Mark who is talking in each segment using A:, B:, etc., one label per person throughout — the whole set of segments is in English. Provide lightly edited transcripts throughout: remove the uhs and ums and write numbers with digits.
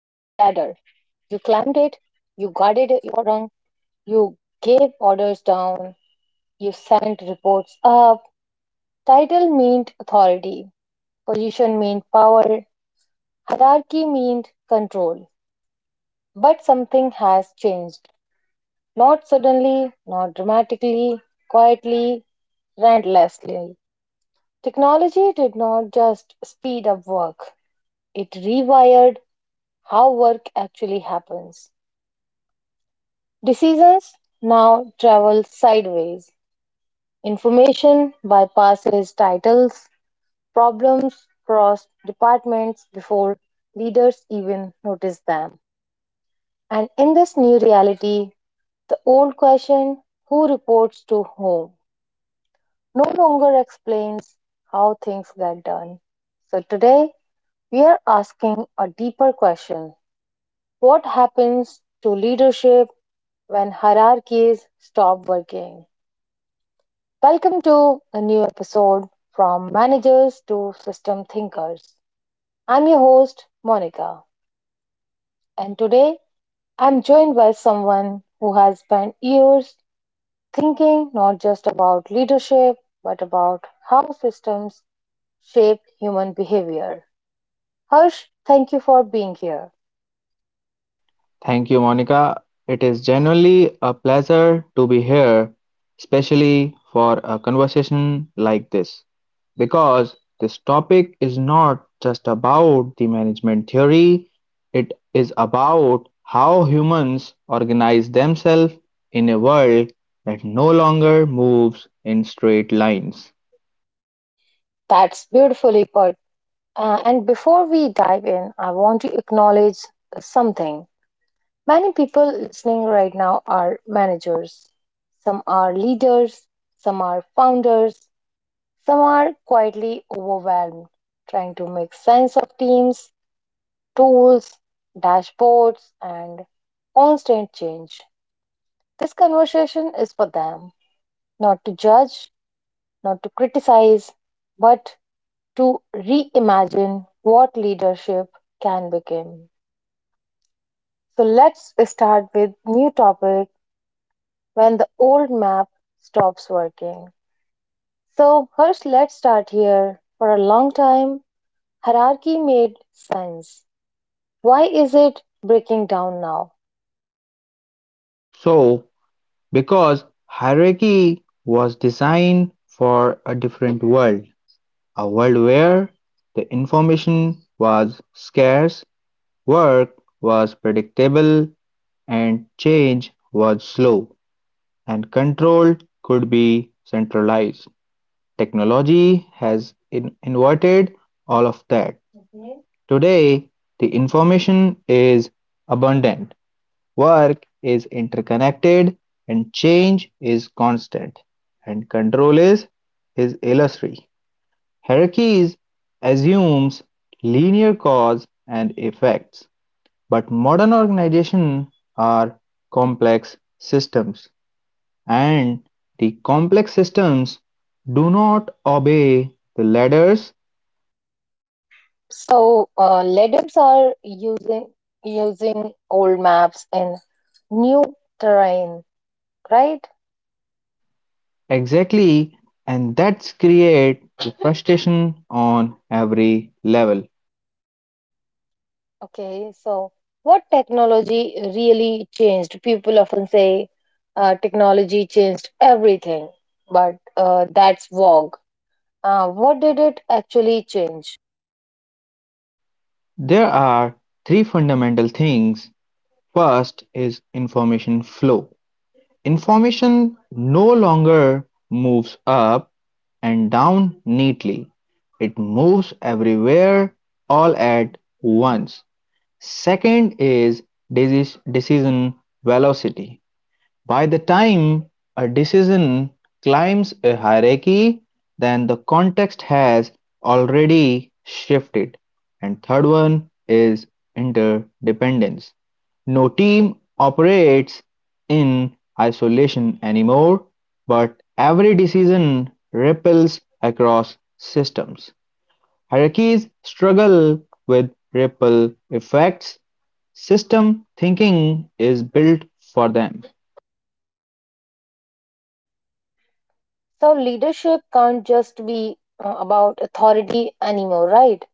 A: You climbed it, you guarded your rung, you gave orders down, you sent reports up. Title meant authority, position meant power, hierarchy meant control. But something has changed. Not suddenly, not dramatically, quietly, relentlessly. Technology did not just speed up work, it rewired how work actually happens. Decisions now travel sideways. Information bypasses titles, problems cross departments before leaders even notice them. And in this new reality, the old question, who reports to whom, no longer explains how things get done. So today, we are asking a deeper question: what happens to leadership when hierarchies stop working? Welcome to a new episode, from managers to system thinkers. I'm your host, Monica, and today I'm joined by someone who has spent years thinking not just about leadership but about how systems shape human behavior. Harsh, thank you for being here.
B: Thank you, Monica. It is genuinely a pleasure to be here, especially for a conversation like this, because this topic is not just about the management theory, it is about how humans organize themselves in a world that no longer moves in straight lines.
A: That's beautifully put. And before we dive in, I want to acknowledge something. Many people listening right now are managers. Some are leaders, some are founders, some are quietly overwhelmed, trying to make sense of teams, tools, dashboards, and constant change. This conversation is for them, not to judge, not to criticize, but to reimagine what leadership can become. So let's start with new topic: when the old map stops working. So, 1st let's start here. For a long time, hierarchy made sense. Why is it breaking down now?
B: So, because hierarchy was designed for a different world. A world where the information was scarce, work was predictable, and change was slow, and control could be centralized. Technology has inverted all of that. Today, the information is abundant, work is interconnected, and change is constant, and control is illusory. Hierarchies assumes linear cause and effects, but modern organizations are complex systems, and the complex systems do not obey the ladders
A: So, LEDAPs are using old maps in new terrain, right?
B: exactly, and that creates frustration on every level.
A: Okay, so what technology really changed? People often say technology changed everything, but that's vague. What did it actually change?
B: There are three fundamental things. First is information flow. Information no longer moves up and down neatly, it moves everywhere all at once. Second is decision velocity. By the time a decision climbs a hierarchy, then the context has already shifted. And third one is interdependence. No team operates in isolation anymore, but every decision ripples across systems. Hierarchies struggle with ripple effects. System thinking is built for them.
A: So, leadership can't just be about authority anymore, right?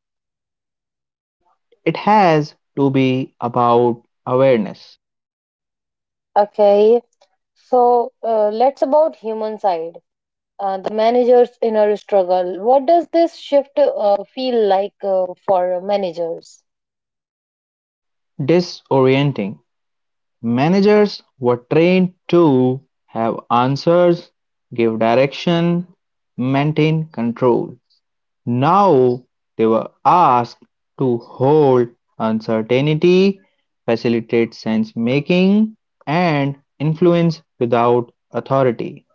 B: It has to be about awareness,
A: Okay, so let's about human side. The manager's inner struggle. What does this shift feel like for managers?
B: disorienting. Managers were trained to have answers, give direction, maintain control. Now they were asked to hold uncertainty, facilitate sense making, and influence without authority.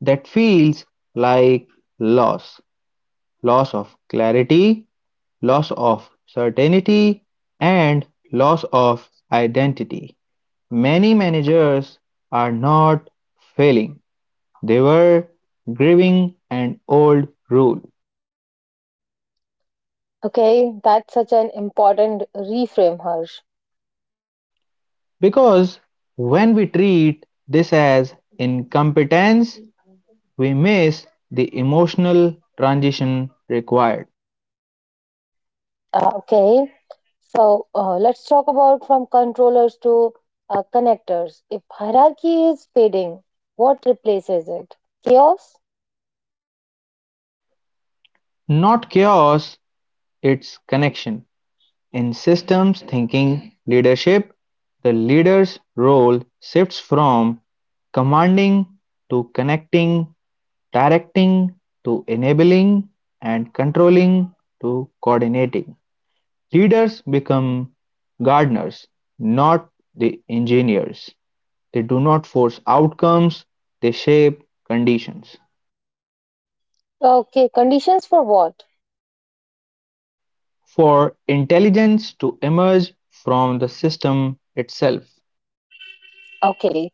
B: That feels like loss loss of clarity, loss of certainty, and loss of identity. Many managers are not failing, they were grieving an old rule.
A: Okay, that's such an important reframe, Harsh.
B: Because when we treat this as incompetence, we miss the emotional transition required.
A: Okay, so let's talk about from controllers to connectors. If hierarchy is fading, what replaces it? Chaos?
B: Not chaos, it's connection. In systems thinking leadership, the leader's role shifts from commanding to connecting, directing to enabling, and controlling to coordinating. Leaders become gardeners, not the engineers. They do not force outcomes, they shape conditions.
A: Okay, conditions for what?
B: For intelligence to emerge from the system itself,
A: Okay,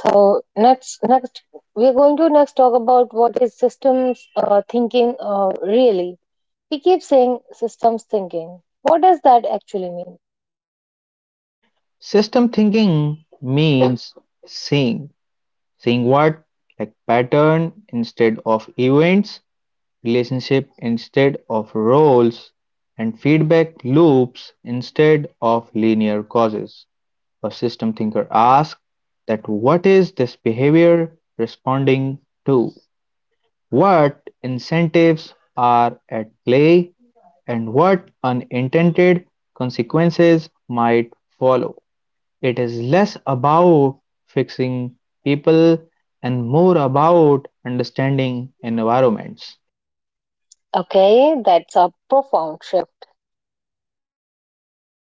A: so next we're going to next talk about what is systems thinking really. We keep saying systems thinking. What does that actually mean?
B: system thinking means seeing, seeing what, like pattern instead of events, relationship instead of roles, and feedback loops instead of linear causes. A system thinker asks that what is this behavior responding to? What incentives are at play and what unintended consequences might follow? It is less about fixing people and more about understanding environments.
A: Okay, that's a profound shift.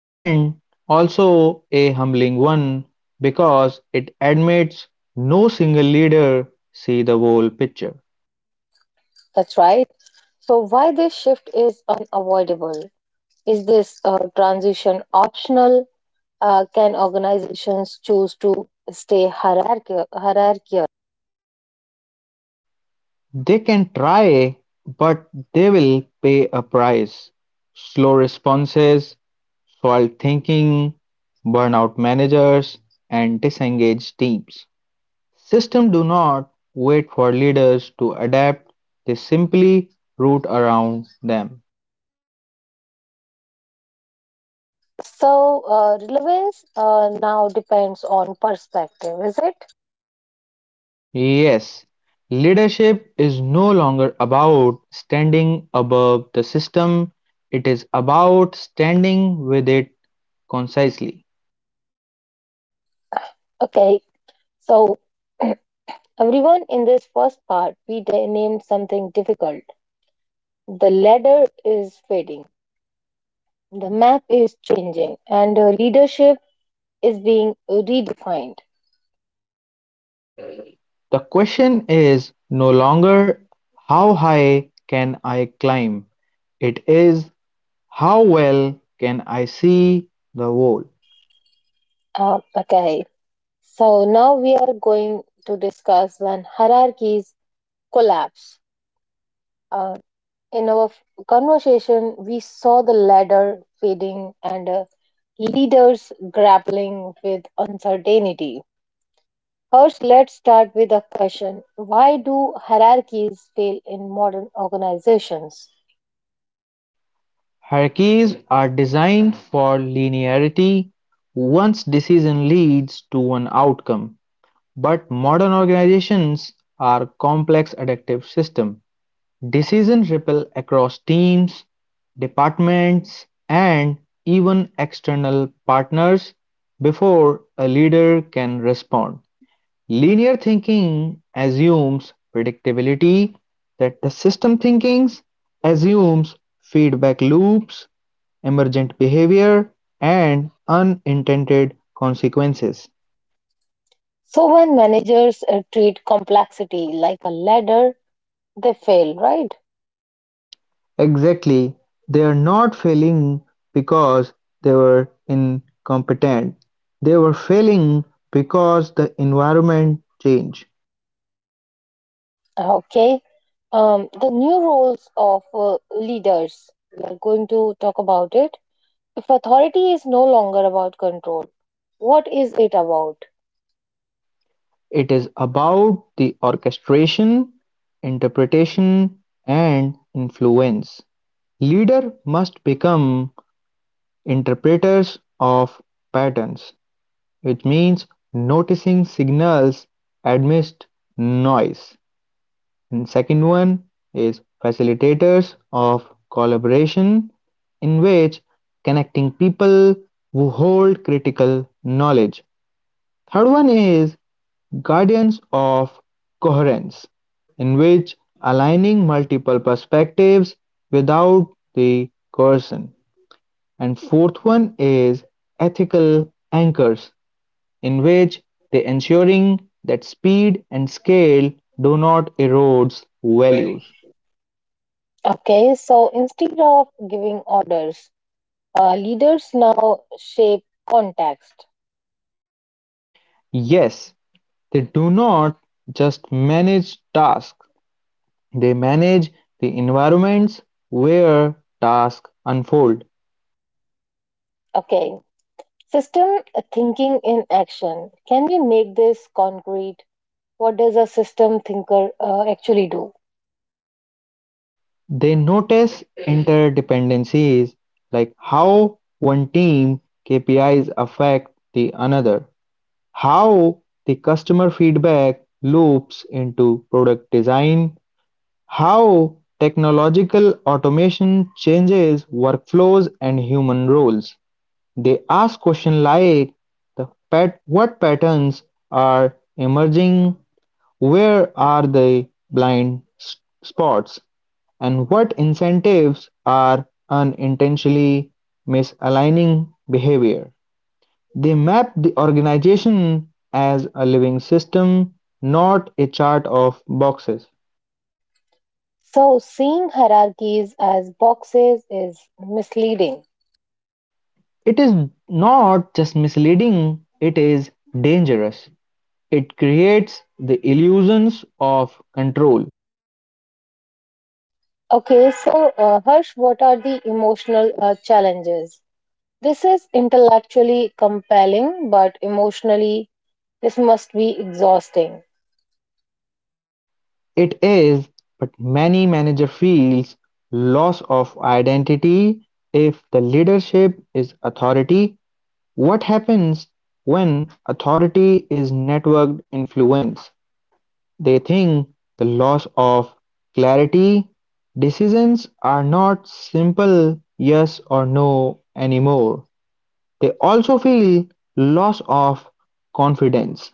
B: And also a humbling one because it admits no single leader sees the whole picture.
A: That's right. So why this shift is unavoidable? Is this transition optional? Can organizations choose to stay hierarchical?
B: They can try, but they will pay a price. Slow responses, soiled thinking, burnout managers, and disengaged teams. Systems do not wait for leaders to adapt, they simply root around them.
A: So, relevance now depends on perspective, is it?
B: Yes, leadership is no longer about standing above the system, it is about standing with it concisely.
A: Okay, so everyone, in this first part, we named something difficult. The ladder is fading, the map is changing, and leadership is being redefined.
B: The question is no longer how high can I climb, it is how well can I see the wall.
A: Okay, so now we are going to discuss when hierarchies collapse. Uh, In our conversation, we saw the ladder fading and leaders grappling with uncertainty. First, let's start with a question: why do hierarchies fail in modern organizations?
B: Hierarchies are designed for linearity; one's decision leads to one outcome, but modern organizations are complex adaptive systems. Decisions ripple across teams, departments, and even external partners before a leader can respond. Linear thinking assumes predictability that the system thinking assumes feedback loops emergent behavior, and unintended consequences.
A: So, when managers treat complexity like a ladder, they fail, right?
B: Exactly. They are not failing because they were incompetent. They were failing because the environment changed.
A: Okay. The new roles of leaders, we are going to talk about it. If authority is no longer about control, what is it about?
B: It is about the orchestration, interpretation, and influence. Leader must become interpreters of patterns, which means noticing signals amidst noise, and second one is facilitators of collaboration in which connecting people who hold critical knowledge. Third one is guardians of coherence in which aligning multiple perspectives without the coercion. And fourth one is ethical anchors in which they ensuring that speed and scale do not erodes values.
A: Okay, so instead of giving orders, leaders now shape context.
B: Yes, they do not just manage tasks, they manage the environments where tasks unfold.
A: Okay, system thinking in action. Can you make this concrete? What does a system thinker actually do?
B: They notice interdependencies like how one team KPIs affect the another, how the customer feedback loops into product design, how technological automation changes workflows and human roles. They ask questions like what patterns are emerging, where are the blind spots, and what incentives are unintentionally misaligning behavior. They map the organization as a living system, not a chart of boxes.
A: So, seeing hierarchies as boxes is misleading.
B: It is not just misleading, it is dangerous. It creates the illusions of control.
A: Okay, so Harsh, what are the emotional challenges? This is intellectually compelling, but emotionally, this must be exhausting.
B: It is, but many manager feels loss of identity if the leadership is authority. What happens when authority is networked influence? They think the loss of clarity. Decisions are not simple yes or no anymore. They also feel loss of confidence;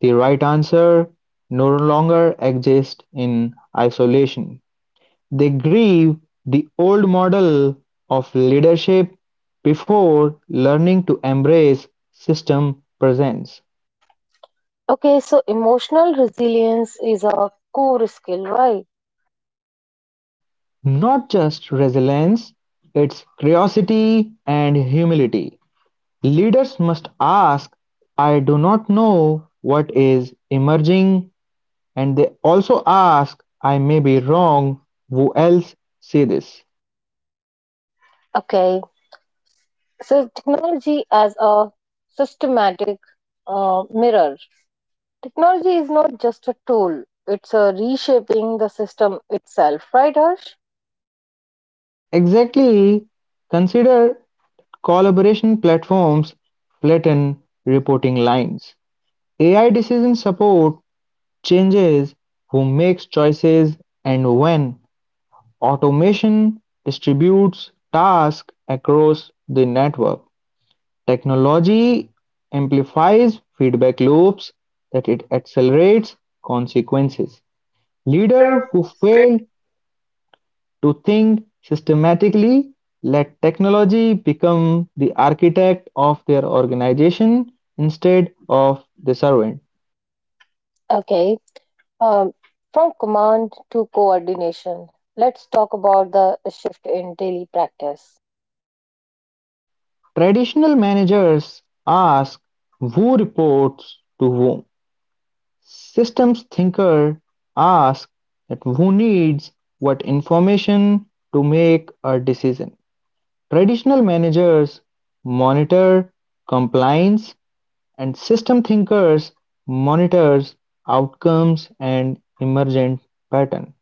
B: the right answer no longer exists in isolation. They grieve the old model of leadership before learning to embrace system presents
A: Okay, so emotional resilience is a core skill, right?
B: not just resilience, it's curiosity and humility. Leaders must ask, I do not know what is emerging. And they also ask, I may be wrong, who else say this?
A: Okay, so technology as a systematic mirror. Technology is not just a tool, it's a reshaping the system itself, right, Harsh?
B: Exactly. Consider collaboration platforms flatten reporting lines. AI decision support changes who makes choices and when. Automation distributes tasks across the network. Technology amplifies feedback loops that it accelerates consequences. Leaders
A: Leader.
B: who failed to think systematically let technology become the architect of their organization instead of the servant.
A: Okay, um, from command to coordination, let's talk about the shift in daily practice.
B: Traditional managers ask who reports to whom. Systems thinkers ask that who needs what information to make a decision. Traditional managers monitor compliance and system thinkers monitors outcomes and emergent pattern.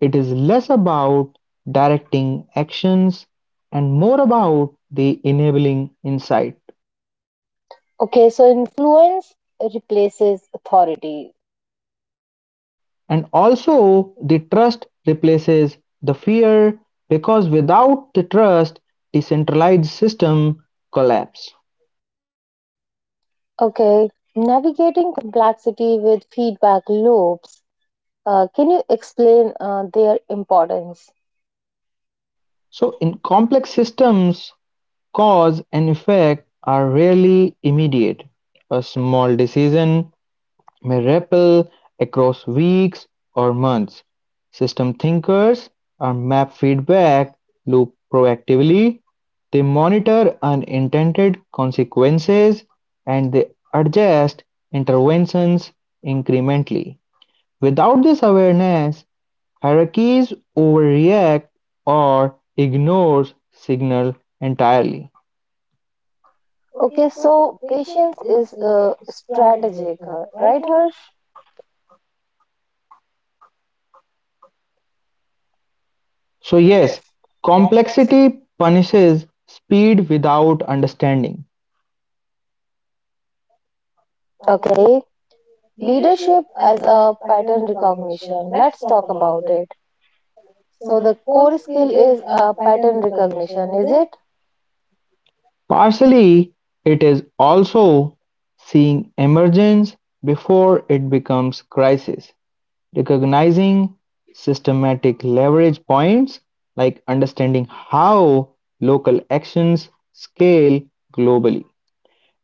B: It is less about directing actions and more about the enabling insight.
A: Okay, so influence replaces authority.
B: And also the trust replaces the fear because without the trust, decentralized system collapse.
A: Okay, navigating complexity with feedback loops. Can you explain their importance?
B: So in complex systems, cause and effect are rarely immediate. A small decision may ripple across weeks or months. System thinkers are map feedback loop proactively. They monitor unintended consequences and they adjust interventions incrementally. Without this awareness, hierarchies overreact or ignore signal entirely.
A: Okay, so patience is strategic, right, Harsh?
B: So
A: So,
B: yes,
A: yes, complexity.
B: complexity punishes speed without understanding.
A: Okay, leadership as a pattern recognition. Let's talk about it. So, the core skill is pattern recognition, is it?
B: Partially, it is also seeing emergence before it becomes crisis, recognizing systematic leverage points, like understanding how local actions scale globally.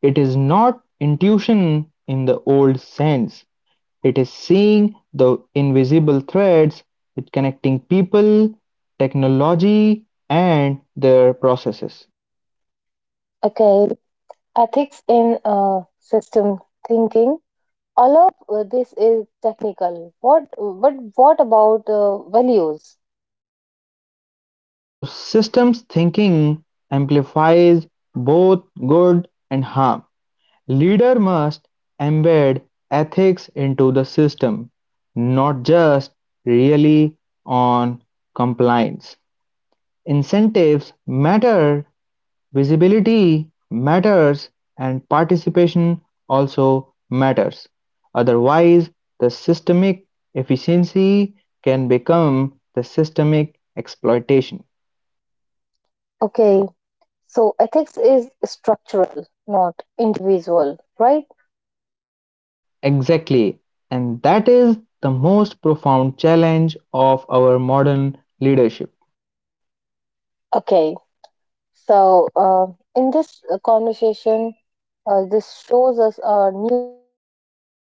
B: It is not intuition in the old sense. It is seeing the invisible threads with connecting people, technology, and their processes.
A: Okay, ethics in system thinking. All of this is technical. But what about values?
B: So systems thinking amplifies both good and harm. Leader must embed ethics into the system, not just really on compliance. Incentives matter, visibility matters, and participation also matters. Otherwise, the systemic efficiency can become the systemic exploitation.
A: Okay, so ethics is structural, not individual, right?
B: Exactly, and that is the most profound challenge of our modern leadership.
A: Okay, so in this conversation, this shows us a new reality.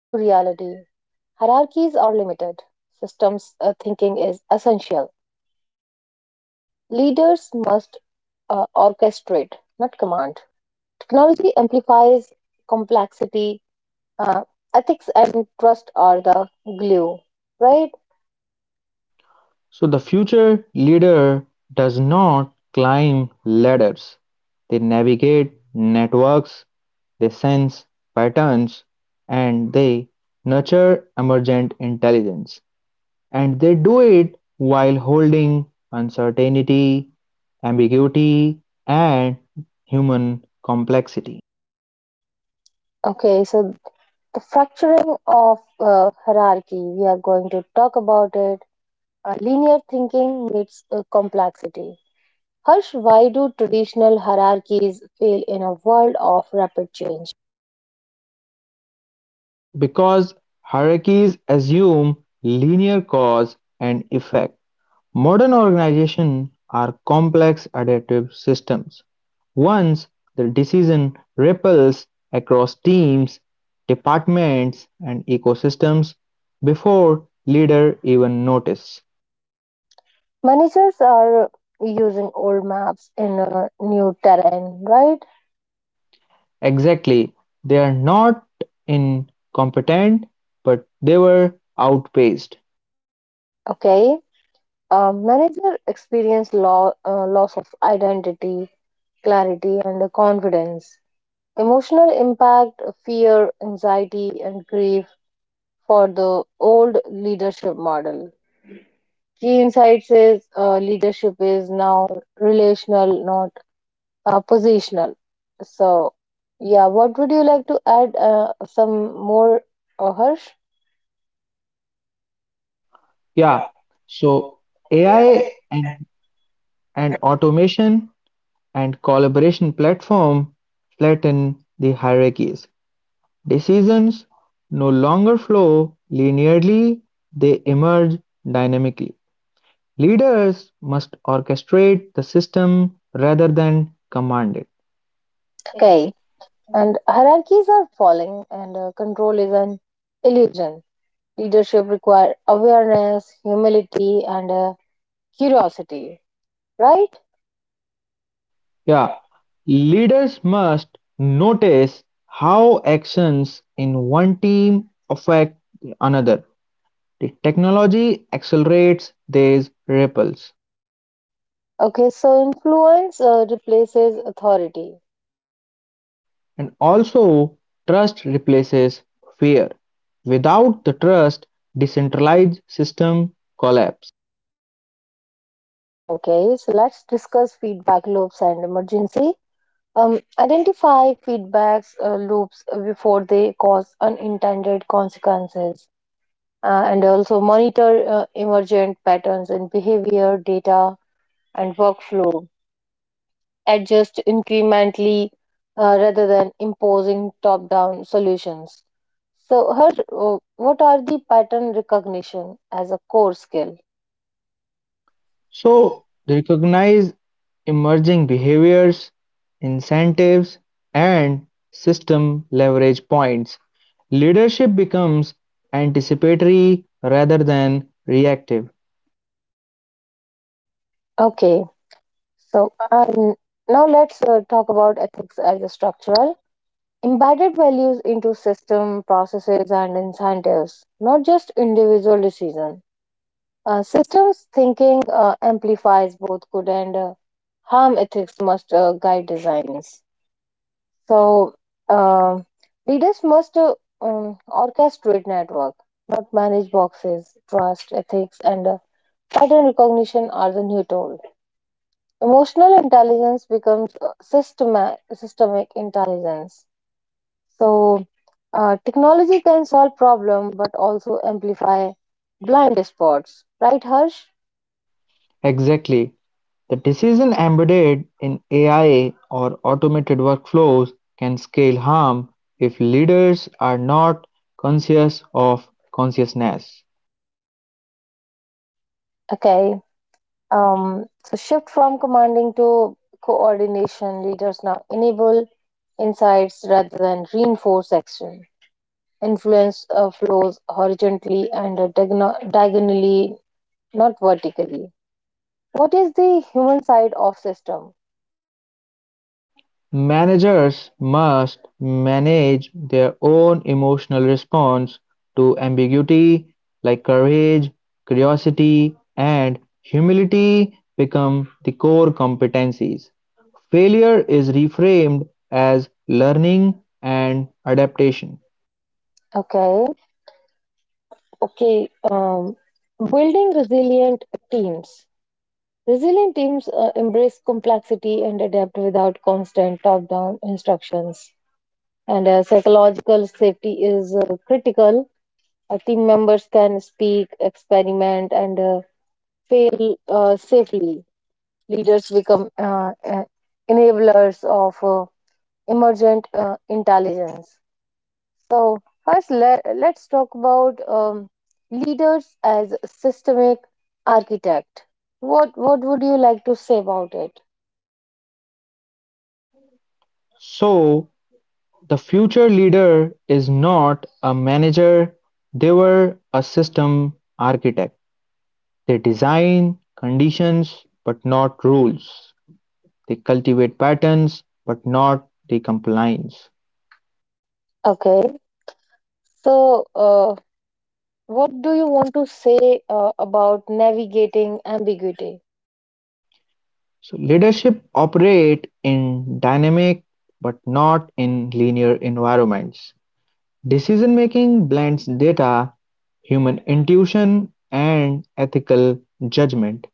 A: Hierarchies are limited. Systems thinking is essential. Leaders must orchestrate, not command. Technology amplifies complexity. Uh, ethics and trust are the glue, right?
B: So, the future leader does not climb ladders, they navigate networks, they sense patterns, and they nurture emergent intelligence. And they do it while holding uncertainty, ambiguity, and human complexity.
A: Okay, so the fracturing of hierarchy, we are going to talk about it. Linear thinking meets complexity. Harsh, why do traditional hierarchies fail in a world of rapid change?
B: So, because hierarchies assume linear cause and effect, modern organizations are complex adaptive systems. Once the decision ripples across teams, departments, and ecosystems before leader even notice.
A: Managers are using old maps in a new terrain, right?
B: Exactly, they are not incompetent, but they were outpaced.
A: Okay. Manager experience loss of identity, clarity, and confidence. Emotional impact, fear, anxiety, and grief for the old leadership model. Key insights is leadership is now relational, not positional. So, yeah, what would you like to add? Some more, Harsh? Yeah,
B: Yeah, so
A: so
B: AI
A: AI
B: and
A: and
B: And automation and collaboration platform flatten the hierarchies; decisions no longer flow linearly, they emerge dynamically. Leaders must orchestrate the system rather than command it.
A: okay, and hierarchies are falling, and control is an illusion. Leadership requires awareness, humility, and curiosity, right?
B: Yeah,
A: Yeah.
B: leaders must notice how actions in one team affect another. The technology accelerates these ripples.
A: Okay, so influence replaces authority.
B: And also, trust replaces fear. Without the trust, decentralized system collapse.
A: Okay, so let's discuss feedback loops and emergency. Identify feedbacks loops before they cause unintended consequences, and also monitor emergent patterns in behavior, data, and workflow. Adjust incrementally rather than imposing top down solutions. So, her, what are the pattern recognition as a core skill?
B: So recognize emerging behaviors, incentives, and system leverage points. Leadership becomes anticipatory rather than reactive.
A: Okay, so now let's talk about ethics as a structural. Embedded values into system, processes, and incentives, not just individual decision. Systems thinking amplifies both good and harm. Ethics must guide designs. So uh, leaders must orchestrate network, not manage boxes. Trust, ethics, and pattern recognition are the new tool. Emotional intelligence becomes systemic intelligence. So technology can solve problem, but also amplify blind spots. Right, Harsh?
B: Exactly. The decision embedded in AI or automated workflows can scale harm if leaders are not conscious of consciousness.
A: Okay. So shift from commanding to coordination. Leaders now enable insights rather than reinforce action. Influence flows horizontally and diagonally, not vertically. What is the human side of system?
B: Managers must manage their own emotional response to ambiguity, like courage, curiosity, and humility become the core competencies. Failure is reframed as learning and adaptation.
A: Okay, okay. Building resilient teams. Resilient teams embrace complexity and adapt without constant top-down instructions. And psychological safety is critical. Team members can speak, experiment, and fail safely. Leaders become enablers of emergent intelligence. So, first, let's talk about leaders as systemic architect. What would you like to say about it?
B: So, the future leader is not a manager, they were a system architect. They design conditions but not rules. They cultivate patterns but not the compliance.
A: Okay. So, what do you want to say about navigating ambiguity?
B: So leadership operate in dynamic but not in linear environments. Decision making blends data, human intuition and ethical judgment.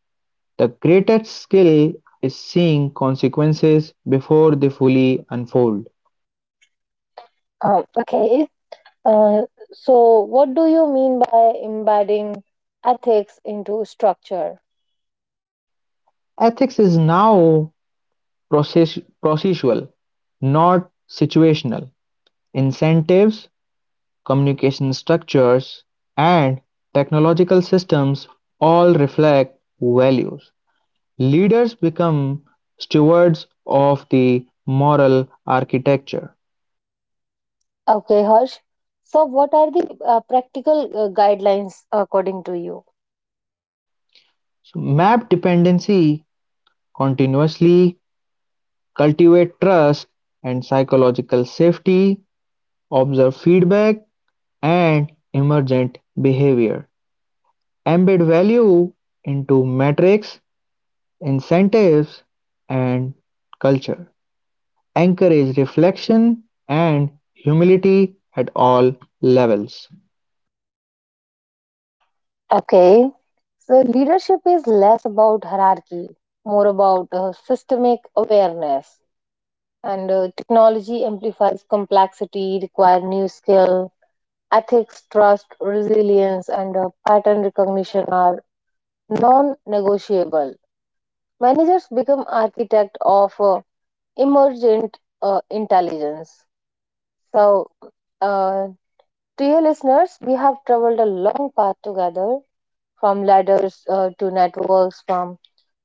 B: The greatest skill is seeing consequences before they fully unfold.
A: Okay. Uh, so, what do you mean by embedding ethics into structure?
B: Ethics is now process- procedural, not situational. Incentives, communication structures, and technological systems all reflect values. Leaders become stewards of the moral architecture.
A: Okay, Harsh. So, what are the practical guidelines according to you?
B: So map dependency continuously. Cultivate trust and psychological safety, observe feedback and emergent behavior. Embed value into metrics, incentives, and culture. Encourage reflection and humility at all levels.
A: Okay. So, leadership is less about hierarchy, more about systemic awareness. And technology amplifies complexity, require new skill. Ethics, trust, resilience, and pattern recognition are non negotiable. Managers become architect of emergent intelligence. So, uh, to your listeners, we have traveled a long path together, from ladders to networks, from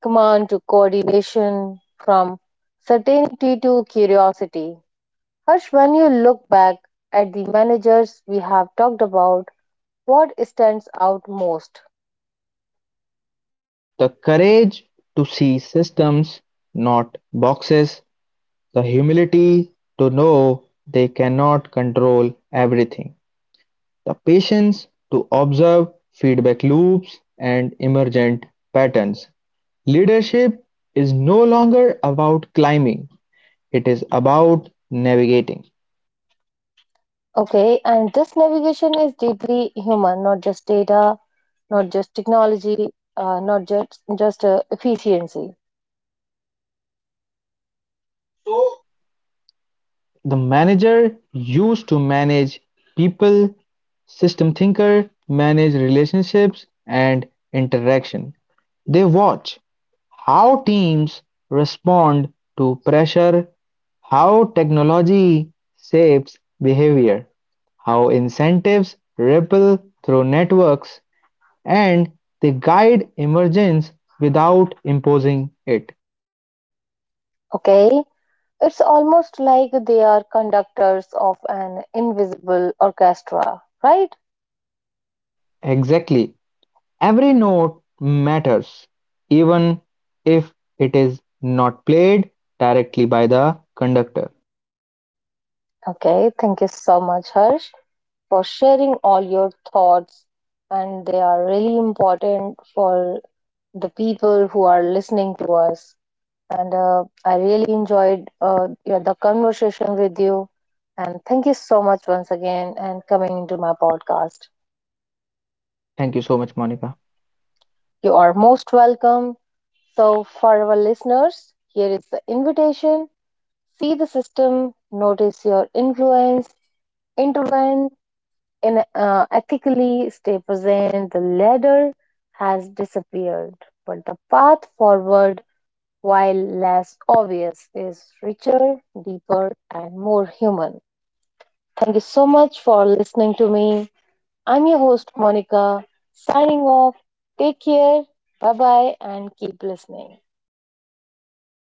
A: command to coordination, from certainty to curiosity. Harsh, when you look back at the managers we have talked about, what stands out most?
B: The courage to see systems, not boxes. The humility to know they cannot control everything. The patience to observe feedback loops and emergent patterns. Leadership is no longer about climbing, it is about navigating.
A: Okay, and this navigation is deeply human, not just data, not just technology, not just efficiency.
B: So,
A: So,
B: the manager used to manage people, system thinker manage relationships and interaction. They watch, how teams respond to pressure, how technology shapes behavior, how incentives ripple through networks, and they guide emergence without imposing it.
A: okay, it's almost like they are conductors of an invisible orchestra, right?
B: Exactly. Every note matters, even if it is not played directly by the conductor.
A: Okay, thank you so much, Harsh, for sharing all your thoughts, and they are really important for the people who are listening to us. And I really enjoyed yeah, the conversation with you, and thank you so much once again and coming into my podcast.
B: Thank you so much, Monica.
A: You are most welcome. So, for our listeners, here is the invitation: see the system, notice your influence, intervene in, ethically, stay present. The ladder has disappeared, but the path forward, while less obvious, is richer, deeper, and more human. Thank you so much for listening to me. I'm your host, Monica, signing off. Take care. Bye bye, and keep listening.